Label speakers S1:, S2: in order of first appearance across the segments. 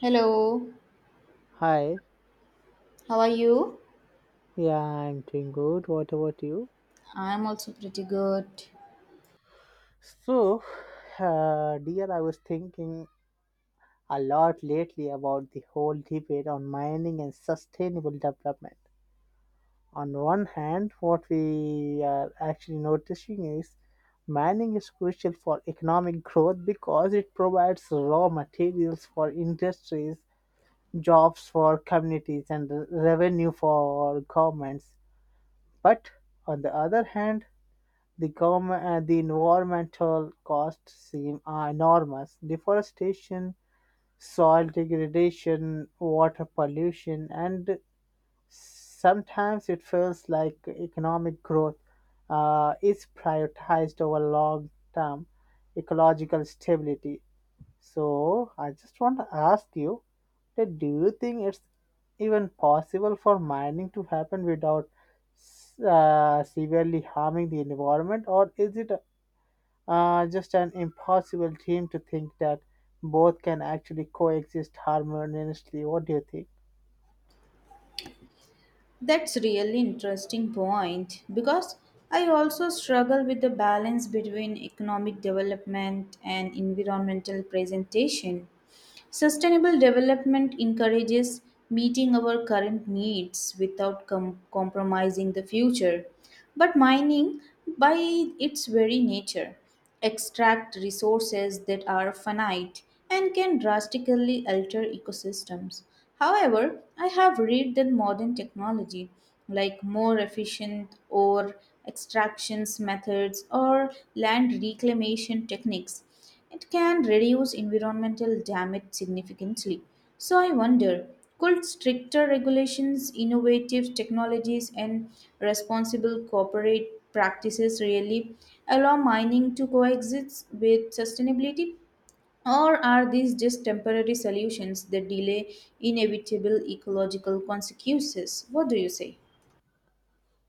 S1: Hello,
S2: Hi,
S1: how are you?
S2: yeah, I'm doing good. What about you?
S1: I'm also pretty good.
S2: So, dear, I was thinking a lot lately about the whole debate on mining and sustainable development. On one hand, what we are actually noticing is mining is crucial for economic growth because it provides raw materials for industries, jobs for communities, and revenue for governments. But on the other hand, the environmental costs seem enormous. Deforestation, soil degradation, water pollution, and sometimes it feels like economic growth is prioritized over long term ecological stability. So, I just want to ask you that do you think it's even possible for mining to happen without severely harming the environment, or is it just an impossible dream to think that both can actually coexist harmoniously. What do you think?
S1: That's really interesting point because I also struggle with the balance between economic development and environmental presentation. Sustainable development encourages meeting our current needs without compromising the future. But mining, by its very nature, extract resources that are finite and can drastically alter ecosystems. However, I have read that modern technology, like more efficient ore extractions methods or land reclamation techniques, it can reduce environmental damage significantly. So I wonder, could stricter regulations, innovative technologies, and responsible corporate practices really allow mining to coexist with sustainability? Or are these just temporary solutions that delay inevitable ecological consequences? What do you say?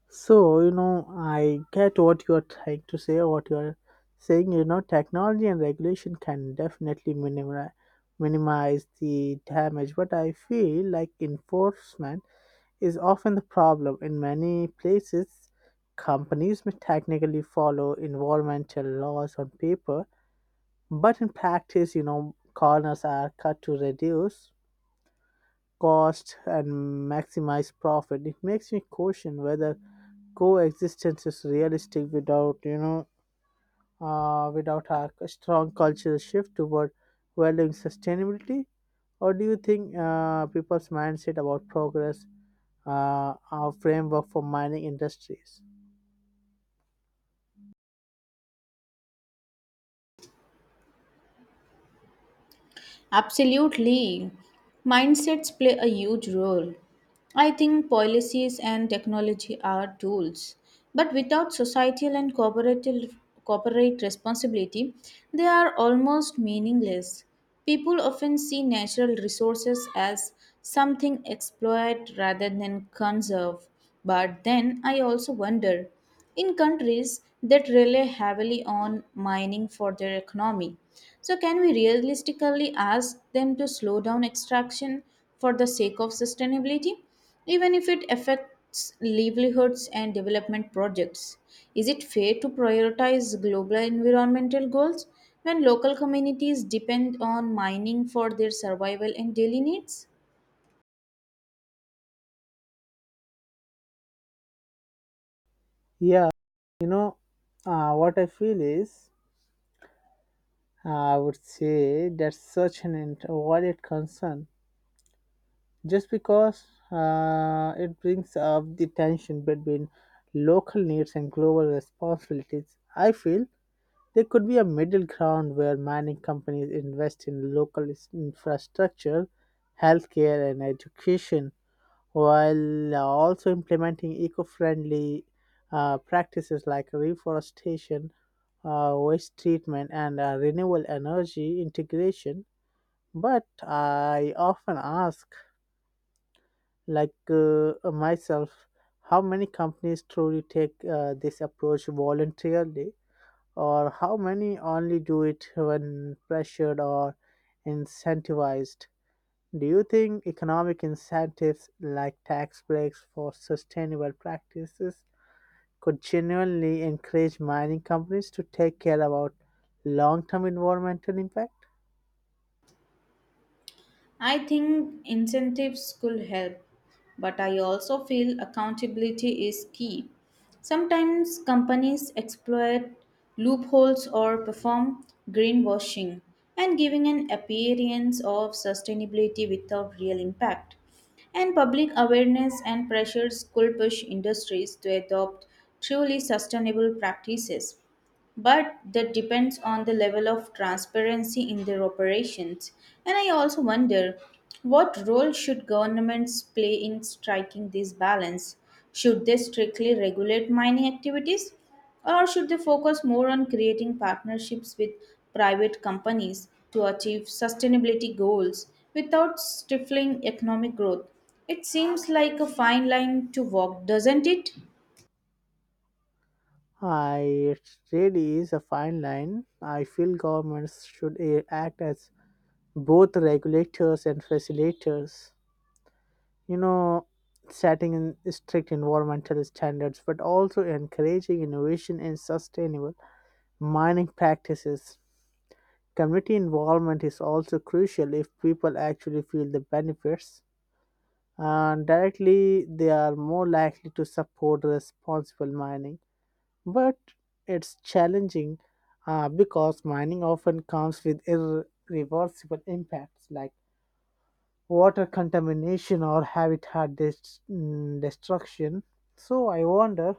S2: So, you know, I get what you're trying to say, what you're saying. You know, technology and regulation can definitely minimize the damage, but I feel like enforcement is often the problem. In many places, companies may technically follow environmental laws on paper, but in practice, you know, corners are cut to reduce cost and maximize profit. It makes me question whether coexistence is realistic without, without a strong cultural shift toward valuing sustainability. Or do you think people's mindset about progress our framework for mining industries?
S1: Absolutely. Mindsets play a huge role. I think policies and technology are tools, but without societal and corporate responsibility, they are almost meaningless. People often see natural resources as something exploit rather than conserve. But then I also wonder in countries that rely heavily on mining for their economy. So, can we realistically ask them to slow down extraction for the sake of sustainability, even if it affects livelihoods and development projects? Is it fair to prioritize global environmental goals when local communities depend on mining for their survival and daily needs?
S2: Yeah, you know, what I feel is I would say that's such an overrated concern just because it brings up the tension between local needs and global responsibilities. I feel there could be a middle ground where mining companies invest in local is- infrastructure, healthcare, and education while also implementing eco friendly practices like reforestation, waste treatment, and renewable energy integration, but I often ask, myself, how many companies truly take this approach voluntarily, or how many only do it when pressured or incentivized? Do you think economic incentives like tax breaks for sustainable practices could genuinely encourage mining companies to take care about long term environmental impact?
S1: I think incentives could help, but I also feel accountability is key. Sometimes companies exploit loopholes or perform greenwashing and giving an appearance of sustainability without real impact. And public awareness and pressures could push industries to adopt truly sustainable practices, but that depends on the level of transparency in their operations. And I also wonder, what role should governments play in striking this balance? Should they strictly regulate mining activities or should they focus more on creating partnerships with private companies to achieve sustainability goals without stifling economic growth? It seems like a fine line to walk, doesn't it?
S2: I, it really is a fine line. I feel governments should act as both regulators and facilitators. You know, setting in strict environmental standards, but also encouraging innovation and sustainable mining practices. Community involvement is also crucial if people actually feel the benefits. And directly, they are more likely to support responsible mining, but it's challenging because mining often comes with irreversible impacts like water contamination or habitat destruction. So I wonder,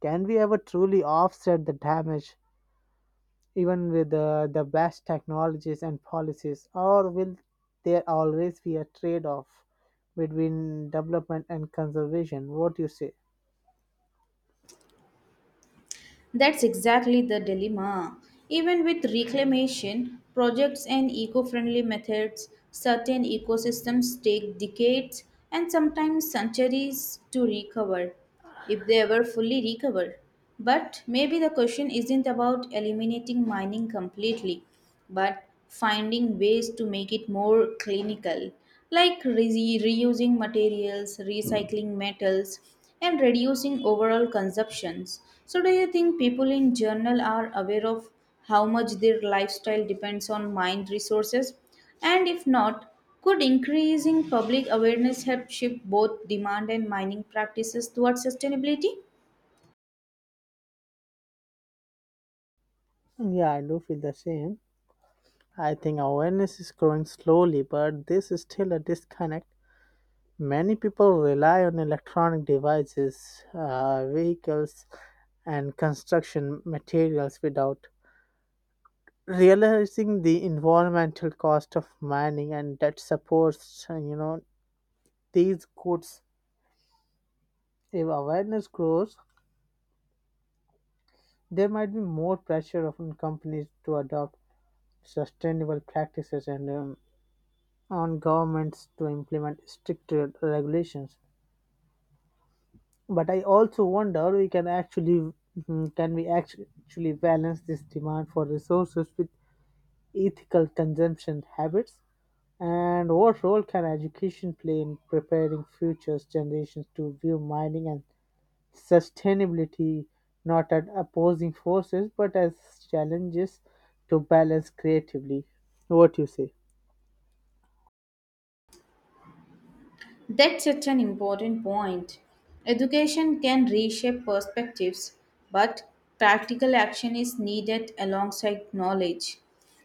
S2: can we ever truly offset the damage, even with the best technologies and policies, or will there always be a trade-off between development and conservation? What do you say?
S1: That's exactly the dilemma. Even with reclamation projects and eco friendly methods, certain ecosystems take decades and sometimes centuries to recover, if they ever fully recover. But maybe the question isn't about eliminating mining completely but finding ways to make it more clinical, like reusing materials, recycling metals, and reducing overall consumptions. So, do you think people in general are aware of how much their lifestyle depends on mind resources? And if not, could increasing public awareness help shift both demand and mining practices towards sustainability?
S2: Yeah, I do feel the same. I think awareness is growing slowly, but this is still a disconnect. Many people rely on electronic devices, vehicles, and construction materials without realizing the environmental cost of mining and that supports, these goods. If awareness grows, there might be more pressure on companies to adopt sustainable practices and, on governments to implement stricter regulations. But I also wonder we can actually, can we actually balance this demand for resources with ethical consumption habits? And what role can education play in preparing future generations to view mining and sustainability not as opposing forces but as challenges to balance creatively? What you say?
S1: That's such an important point. Education can reshape perspectives, but practical action is needed alongside knowledge.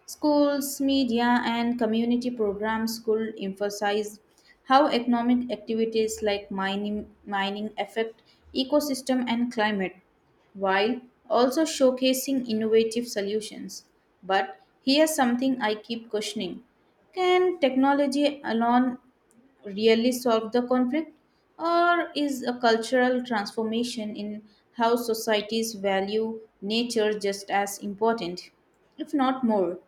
S1: Schools, media, and community programs could emphasize how economic activities like mining affect ecosystem and climate, while also showcasing innovative solutions. But here's something I keep questioning. Can technology alone really solve the conflict? Or is a cultural transformation in how societies value nature just as important, if not more?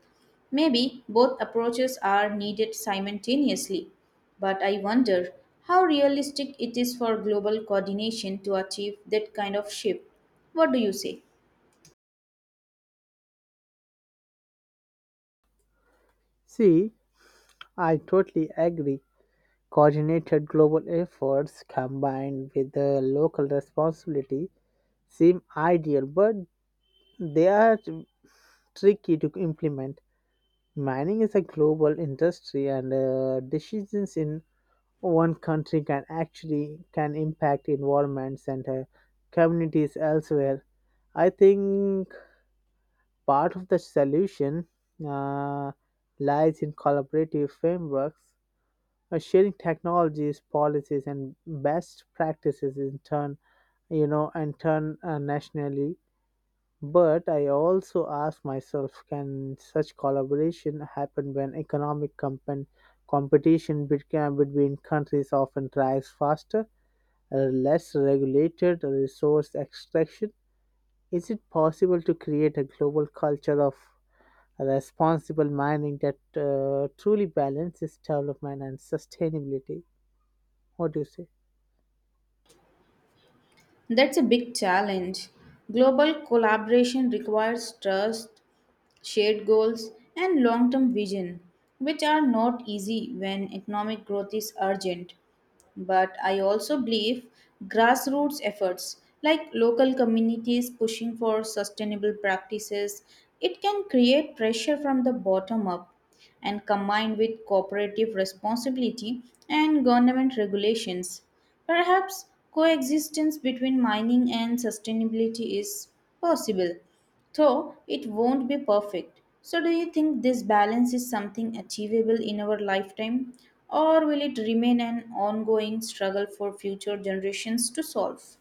S1: Maybe both approaches are needed simultaneously, but I wonder how realistic it is for global coordination to achieve that kind of shift. What do you say?
S2: See, I totally agree. Coordinated global efforts combined with the local responsibility seem ideal, but they are tricky to implement. Mining is a global industry, and decisions in one country can actually can impact environments and, communities elsewhere. I think part of the solution uh, lies in collaborative frameworks, sharing technologies, policies, and best practices in turn, you know, and turn nationally. But I also ask myself can such collaboration happen when competition between countries often drives faster, less regulated resource extraction? Is it possible to create a global culture of responsible mining that truly balances development and sustainability? What do you say?
S1: That's a big challenge. Global collaboration requires trust, shared goals, and long term vision, which are not easy when economic growth is urgent. But I also believe grassroots efforts like local communities pushing for sustainable practices it can create pressure from the bottom up and combined with cooperative responsibility and government regulations. Perhaps coexistence between mining and sustainability is possible, though it won't be perfect. So, do you think this balance is something achievable in our lifetime, or will it remain an ongoing struggle for future generations to solve?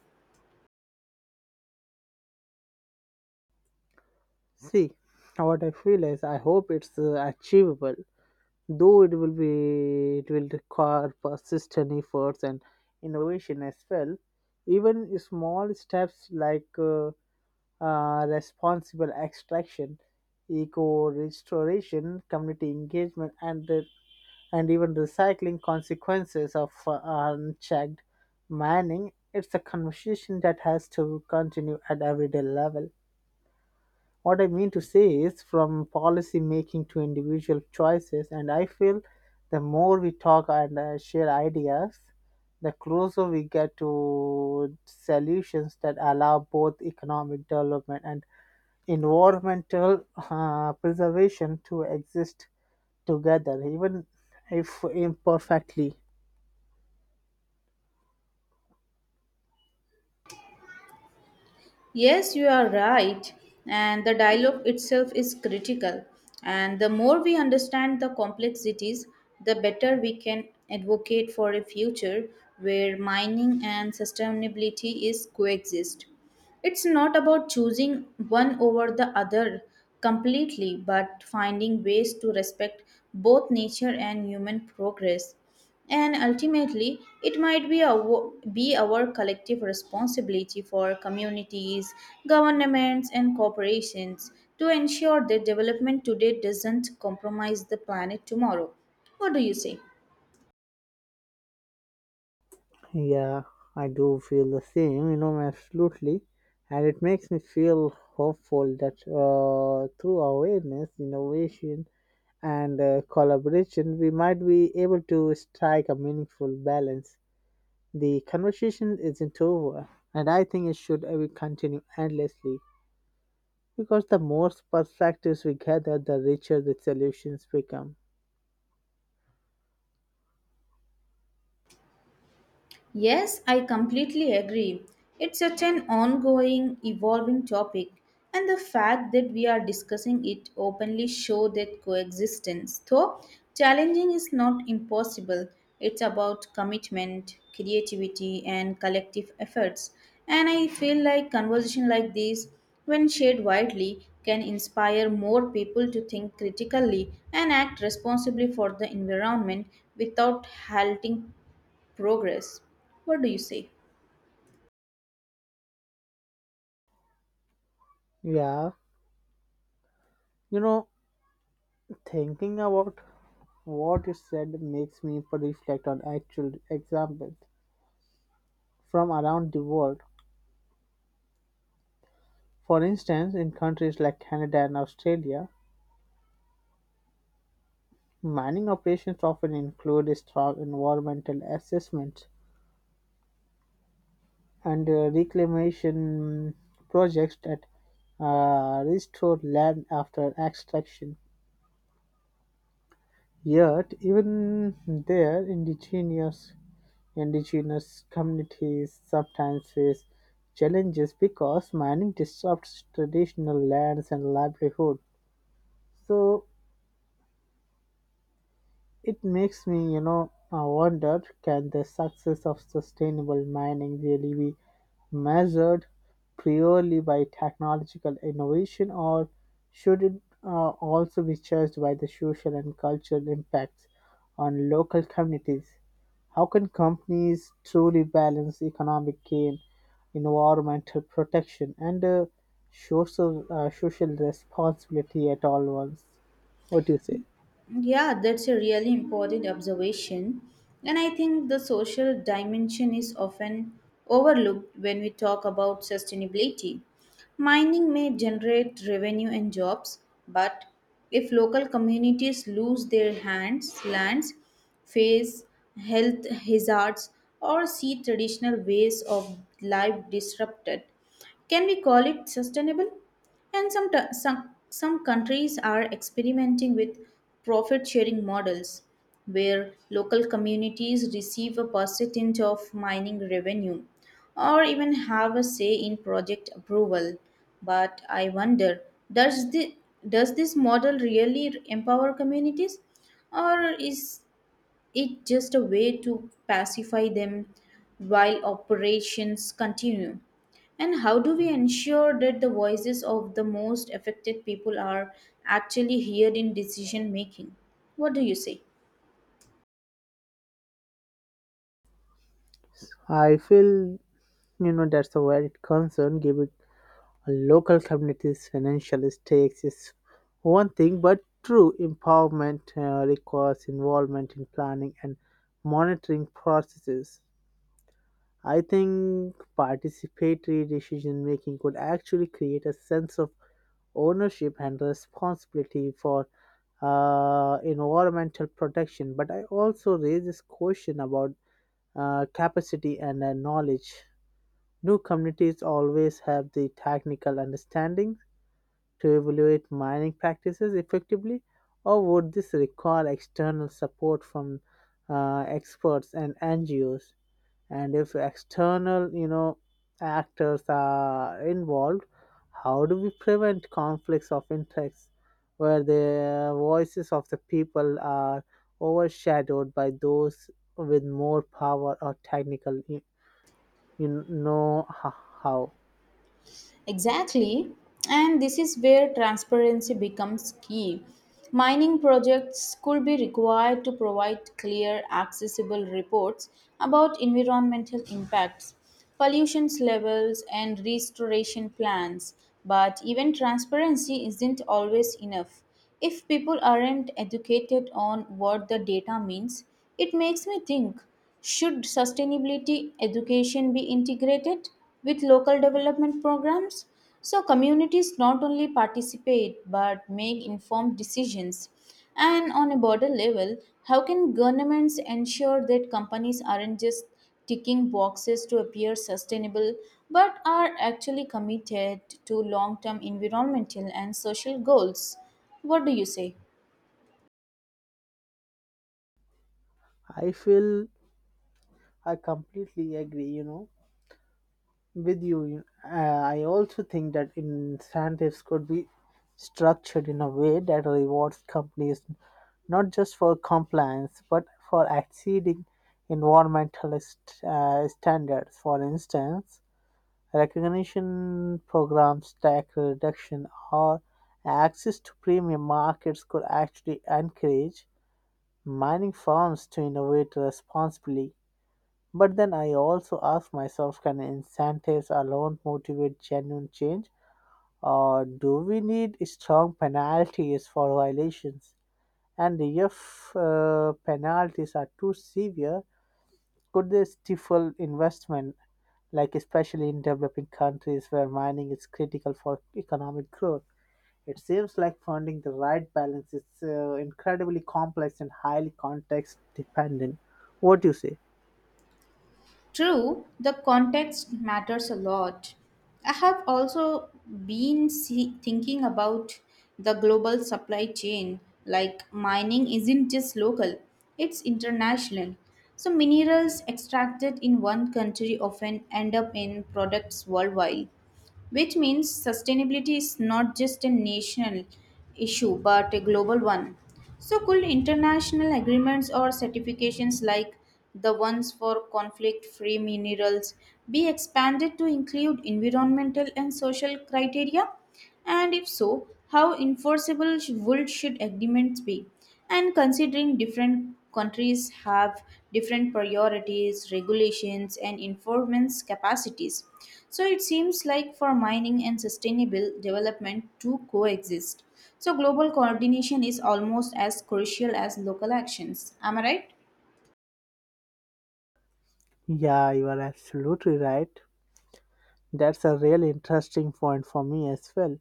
S2: See, what I feel is I hope it's achievable, though it will require persistent efforts and innovation as well. Even small steps like, responsible extraction, eco restoration, community engagement, and even recycling consequences of unchecked mining, it's a conversation that has to continue at everyday level. What I mean to say is from policy making to individual choices, and I feel the more we talk and, share ideas, the closer we get to solutions that allow both economic development and environmental preservation to exist together, even if imperfectly.
S1: Yes, you are right. And the dialogue itself is critical. And the more we understand the complexities, the better we can advocate for a future where mining and sustainability is coexist. It's not about choosing one over the other completely, but finding ways to respect both nature and human progress. And ultimately, it might be, be our collective responsibility for communities, governments, and corporations to ensure that development today doesn't compromise the planet tomorrow. What do you say?
S2: Yeah, I do feel the same, you know, absolutely. And it makes me feel hopeful that through awareness, innovation, and collaboration, we might be able to strike a meaningful balance. The conversation isn't over, and I think it should continue endlessly because the more perspectives we gather, the richer the solutions become.
S1: Yes, I completely agree. It's such an ongoing, evolving topic, and the fact that we are discussing it openly show that coexistence, though challenging, is not impossible. It's about commitment, creativity, and collective efforts. And I feel like conversation like this, when shared widely, can inspire more people to think critically and act responsibly for the environment without halting progress. What do you say?
S2: Yeah, you know, thinking about what you said makes me reflect on actual examples from around the world. For instance, in countries like Canada and Australia, mining operations often include strong environmental assessments and reclamation projects that restore land after extraction. Yet, even there, indigenous communities sometimes face challenges because mining disrupts traditional lands and livelihood. So, it makes me, wonder, can the success of sustainable mining really be measured purely by technological innovation, or should it also be judged by the social and cultural impacts on local communities? How can companies truly balance economic gain, environmental protection, and, social, social responsibility at all once? What do you say?
S1: Yeah, that's a really important observation. And I think the social dimension is often overlooked when we talk about sustainability. Mining may generate revenue and jobs, but if local communities lose their lands, face health hazards, or see traditional ways of life disrupted, can we call it sustainable? And some countries are experimenting with profit sharing models where local communities receive a percentage of mining revenue or even have a say in project approval. But I wonder, does, the, does this model really empower communities or is it's just a way to pacify them while operations continue? And how do we ensure that the voices of the most affected people are actually heard in decision making? What do you say?
S2: I feel, you know, that's where it concerned giving local community's financial stakes is one thing, but true empowerment requires involvement in planning and monitoring processes. I think participatory decision making could actually create a sense of ownership and responsibility for environmental protection. But I also raise this question about capacity and knowledge. No communities always have the technical understanding to evaluate mining practices effectively, or would this require external support from experts and NGOs? And if external, you know, actors are involved, how do we prevent conflicts of interest where the voices of the people are overshadowed by those with more power or technical, you know, ho- how?
S1: Exactly, and this is where transparency becomes key. Mining projects could be required to provide clear, accessible reports about environmental impacts, pollution levels, and restoration plans. But even transparency isn't always enough. If people aren't educated on what the data means, it makes me think, should sustainability education be integrated with local development programs so communities not only participate but make informed decisions? And on a broader level, how can governments ensure that companies aren't just ticking boxes to appear sustainable but are actually committed to long term environmental and social goals? What do you say?
S2: I feel I completely agree, you know, with you. I also think that incentives could be structured in a way that rewards companies not just for compliance but for exceeding environmental standards. For instance, recognition programs, tax reduction, or access to premium markets could actually encourage mining firms to innovate responsibly. But then I also ask myself can incentives alone motivate genuine change, or do we need strong penalties for violations? And if penalties are too severe, could they stifle investment, like especially in developing countries where mining is critical for economic growth? It seems like finding the right balance is incredibly complex and highly context dependent. What do you say?
S1: True, the context matters a lot. I have also thinking about the global supply chain. Like mining isn't just local, it's international. So, minerals extracted in one country often end up in products worldwide, which means sustainability is not just a national issue but a global one. So, could international agreements or certifications like the ones for conflict free minerals be expanded to include environmental and social criteria? And if so, how enforceable sh- would should agreements be? And considering different countries have different priorities, regulations, and enforcement capacities. So it seems like for mining and sustainable development to coexist. So global coordination is almost as crucial as local actions. Am I right?
S2: Yeah, you are absolutely right. That's a really interesting point for me as well.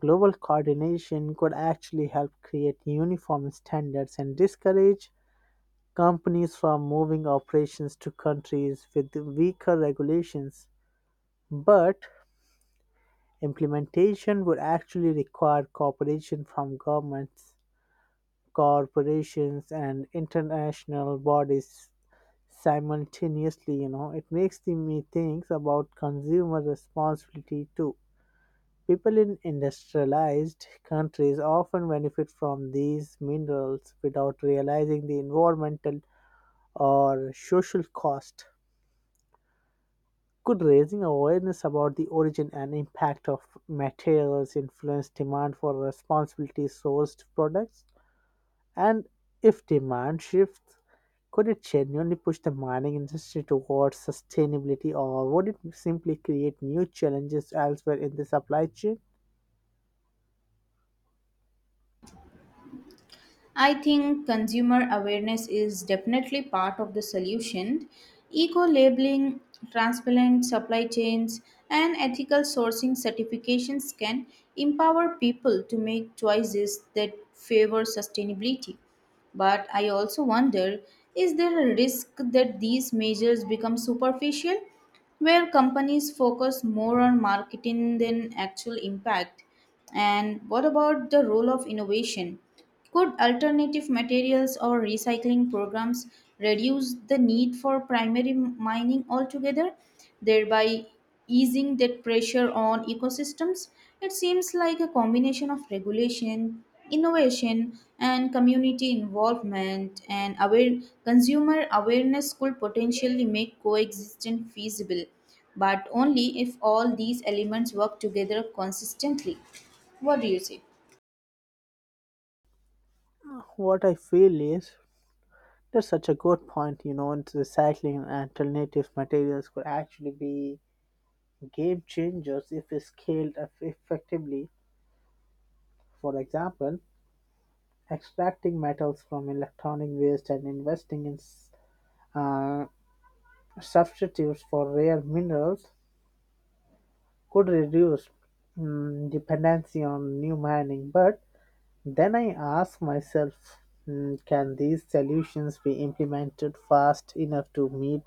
S2: Global coordination could actually help create uniform standards and discourage companies from moving operations to countries with weaker regulations. But implementation would actually require cooperation from governments, corporations, and international bodies simultaneously. You know, it makes me think about consumer responsibility too. People in industrialized countries often benefit from these minerals without realizing the environmental or social cost. Could raising awareness about the origin and impact of materials influence demand for responsibly sourced products? And if demand shifts, could it genuinely push the mining industry towards sustainability, or would it simply create new challenges elsewhere in the supply chain?
S1: I think consumer awareness is definitely part of the solution. Eco labeling, transparent supply chains, and ethical sourcing certifications can empower people to make choices that favor sustainability. But I also wonder, is there a risk that these measures become superficial where companies focus more on marketing than actual impact? And what about the role of innovation? Could alternative materials or recycling programs reduce the need for primary mining altogether, thereby easing that pressure on ecosystems? It seems like a combination of regulation, innovation, and community involvement and consumer awareness could potentially make coexistence feasible, but only if all these elements work together consistently. What do you say?
S2: What I feel is that's such a good point, you know, and recycling and alternative materials could actually be game changers if scaled effectively. For example, extracting metals from electronic waste and investing in uh, substitutes for rare minerals could reduce, dependency on new mining. But then I ask myself, can these solutions be implemented fast enough to meet,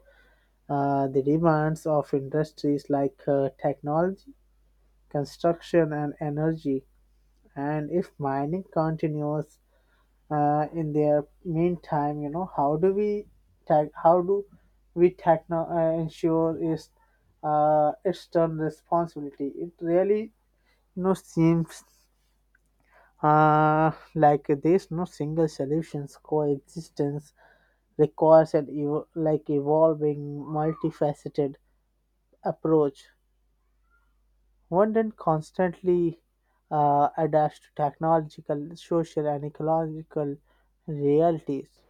S2: The demands of industries like technology, construction, and energy. And if mining continues in the meantime, you know, how do we tech how do we techno ensure is its done responsibility? It really, you know, seems like there's no single solutions. Coexistence requires like evolving, multifaceted approach. One then constantly adapts to technological, social, and ecological realities.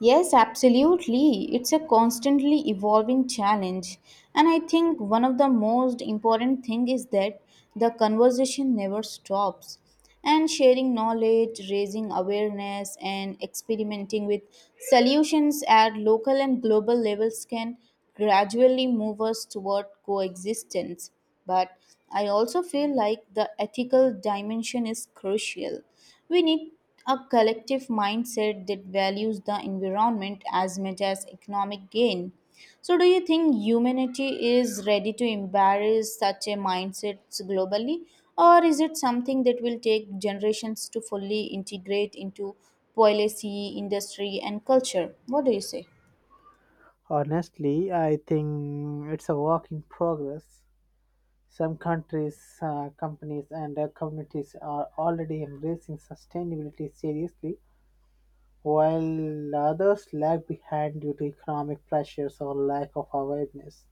S1: Yes, absolutely. It's a constantly evolving challenge. And I think one of the most important thing is that the conversation never stops. And sharing knowledge, raising awareness and experimenting with solutions at local and global levels can gradually move us toward coexistence. But I also feel like the ethical dimension is crucial. We need a collective mindset that values the environment as much as economic gain. So, do you think humanity is ready to embrace such a mindset globally, or is it something that will take generations to fully integrate into policy, industry, and culture? What do you say?
S2: Honestly, I think it's a work in progress. Some countries, companies, and communities are already embracing sustainability seriously, while others lag behind due to economic pressures or lack of awareness.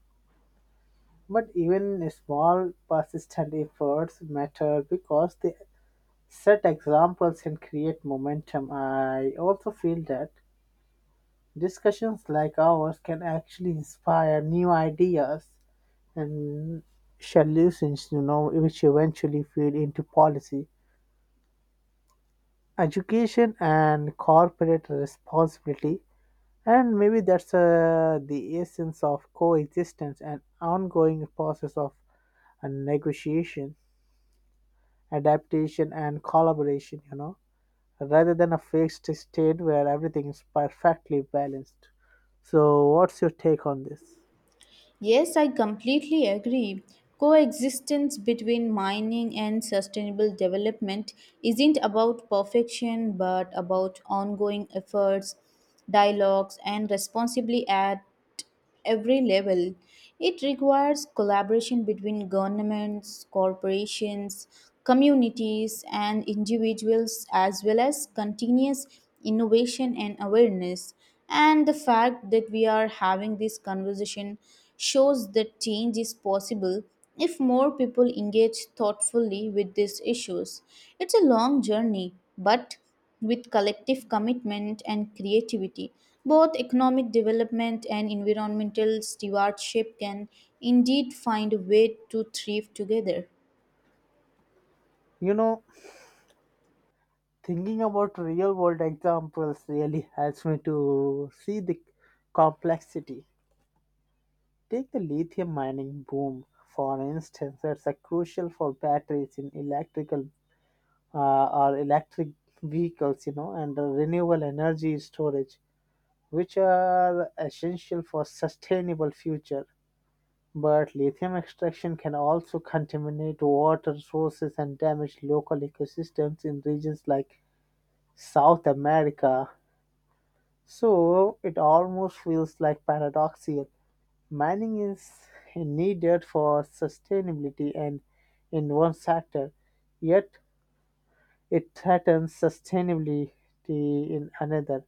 S2: But even small, persistent efforts matter because they set examples and create momentum. I also feel that discussions like ours can actually inspire new ideas and solutions, you know, which eventually feed into policy, education, and corporate responsibility. And maybe that's the essence of coexistence, an ongoing process of negotiation, adaptation, and collaboration, you know, rather than a fixed state where everything is perfectly balanced. So, what's your take on this?
S1: Yes, I completely agree. Coexistence between mining and sustainable development isn't about perfection but about ongoing efforts, dialogues, and responsibly at every level. It requires collaboration between governments, corporations, communities, and individuals, as well as continuous innovation and awareness. And the fact that we are having this conversation shows that change is possible if more people engage thoughtfully with these issues. It's a long journey, but with collective commitment and creativity, both economic development and environmental stewardship can indeed find a way to thrive together.
S2: You know, thinking about real world examples really helps me to see the complexity. Take the lithium mining boom, for instance, that's a crucial for batteries in electric vehicles, you know, and the renewable energy storage, which are essential for sustainable future. But lithium extraction can also contaminate water sources and damage local ecosystems in regions like South America. So it almost feels like paradoxical. Mining is needed for sustainability and in one sector, yet it threatens sustainability in another.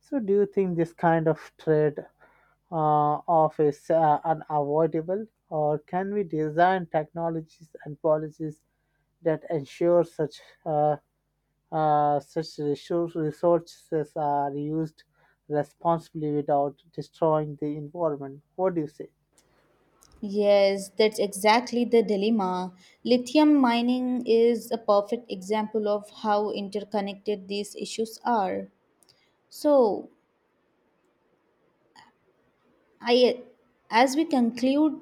S2: So do you think this kind of trade of is unavoidable, or can we design technologies and policies that ensure such, resources are used responsibly without destroying the environment? What do you say?
S1: Yes, that's exactly the dilemma. Lithium mining is a perfect example of how interconnected these issues are. So, I, as we conclude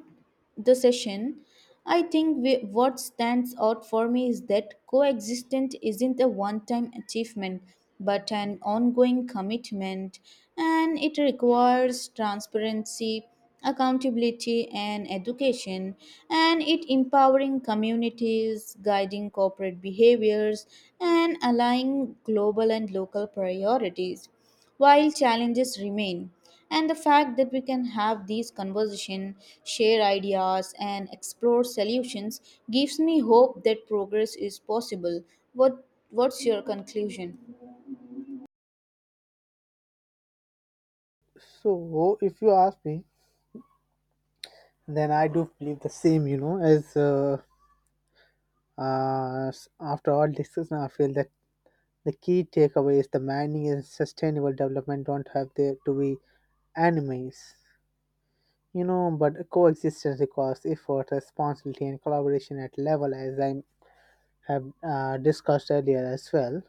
S1: the session, what stands out for me is that coexistence isn't a one time achievement but an ongoing commitment, and it requires transparency, accountability, and education, and it empowering communities, guiding corporate behaviors, and aligning global and local priorities while challenges remain, and the fact that we can have these conversation, share ideas and explore solutions gives me hope that progress is possible. what what's your conclusion?
S2: So, if you ask me, then I do believe the same. You know, as, after all discussion, I feel that the key takeaway is the mining and sustainable development don't have there to be enemies. You know, but coexistence requires effort, responsibility, and collaboration at level, as I have discussed earlier as well.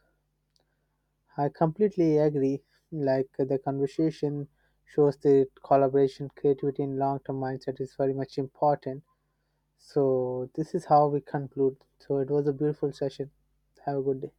S2: I completely agree. Like the conversation shows that collaboration, creativity, and long term mindset is very much important. So, this is how we conclude. So, it was a beautiful session. Have a good day.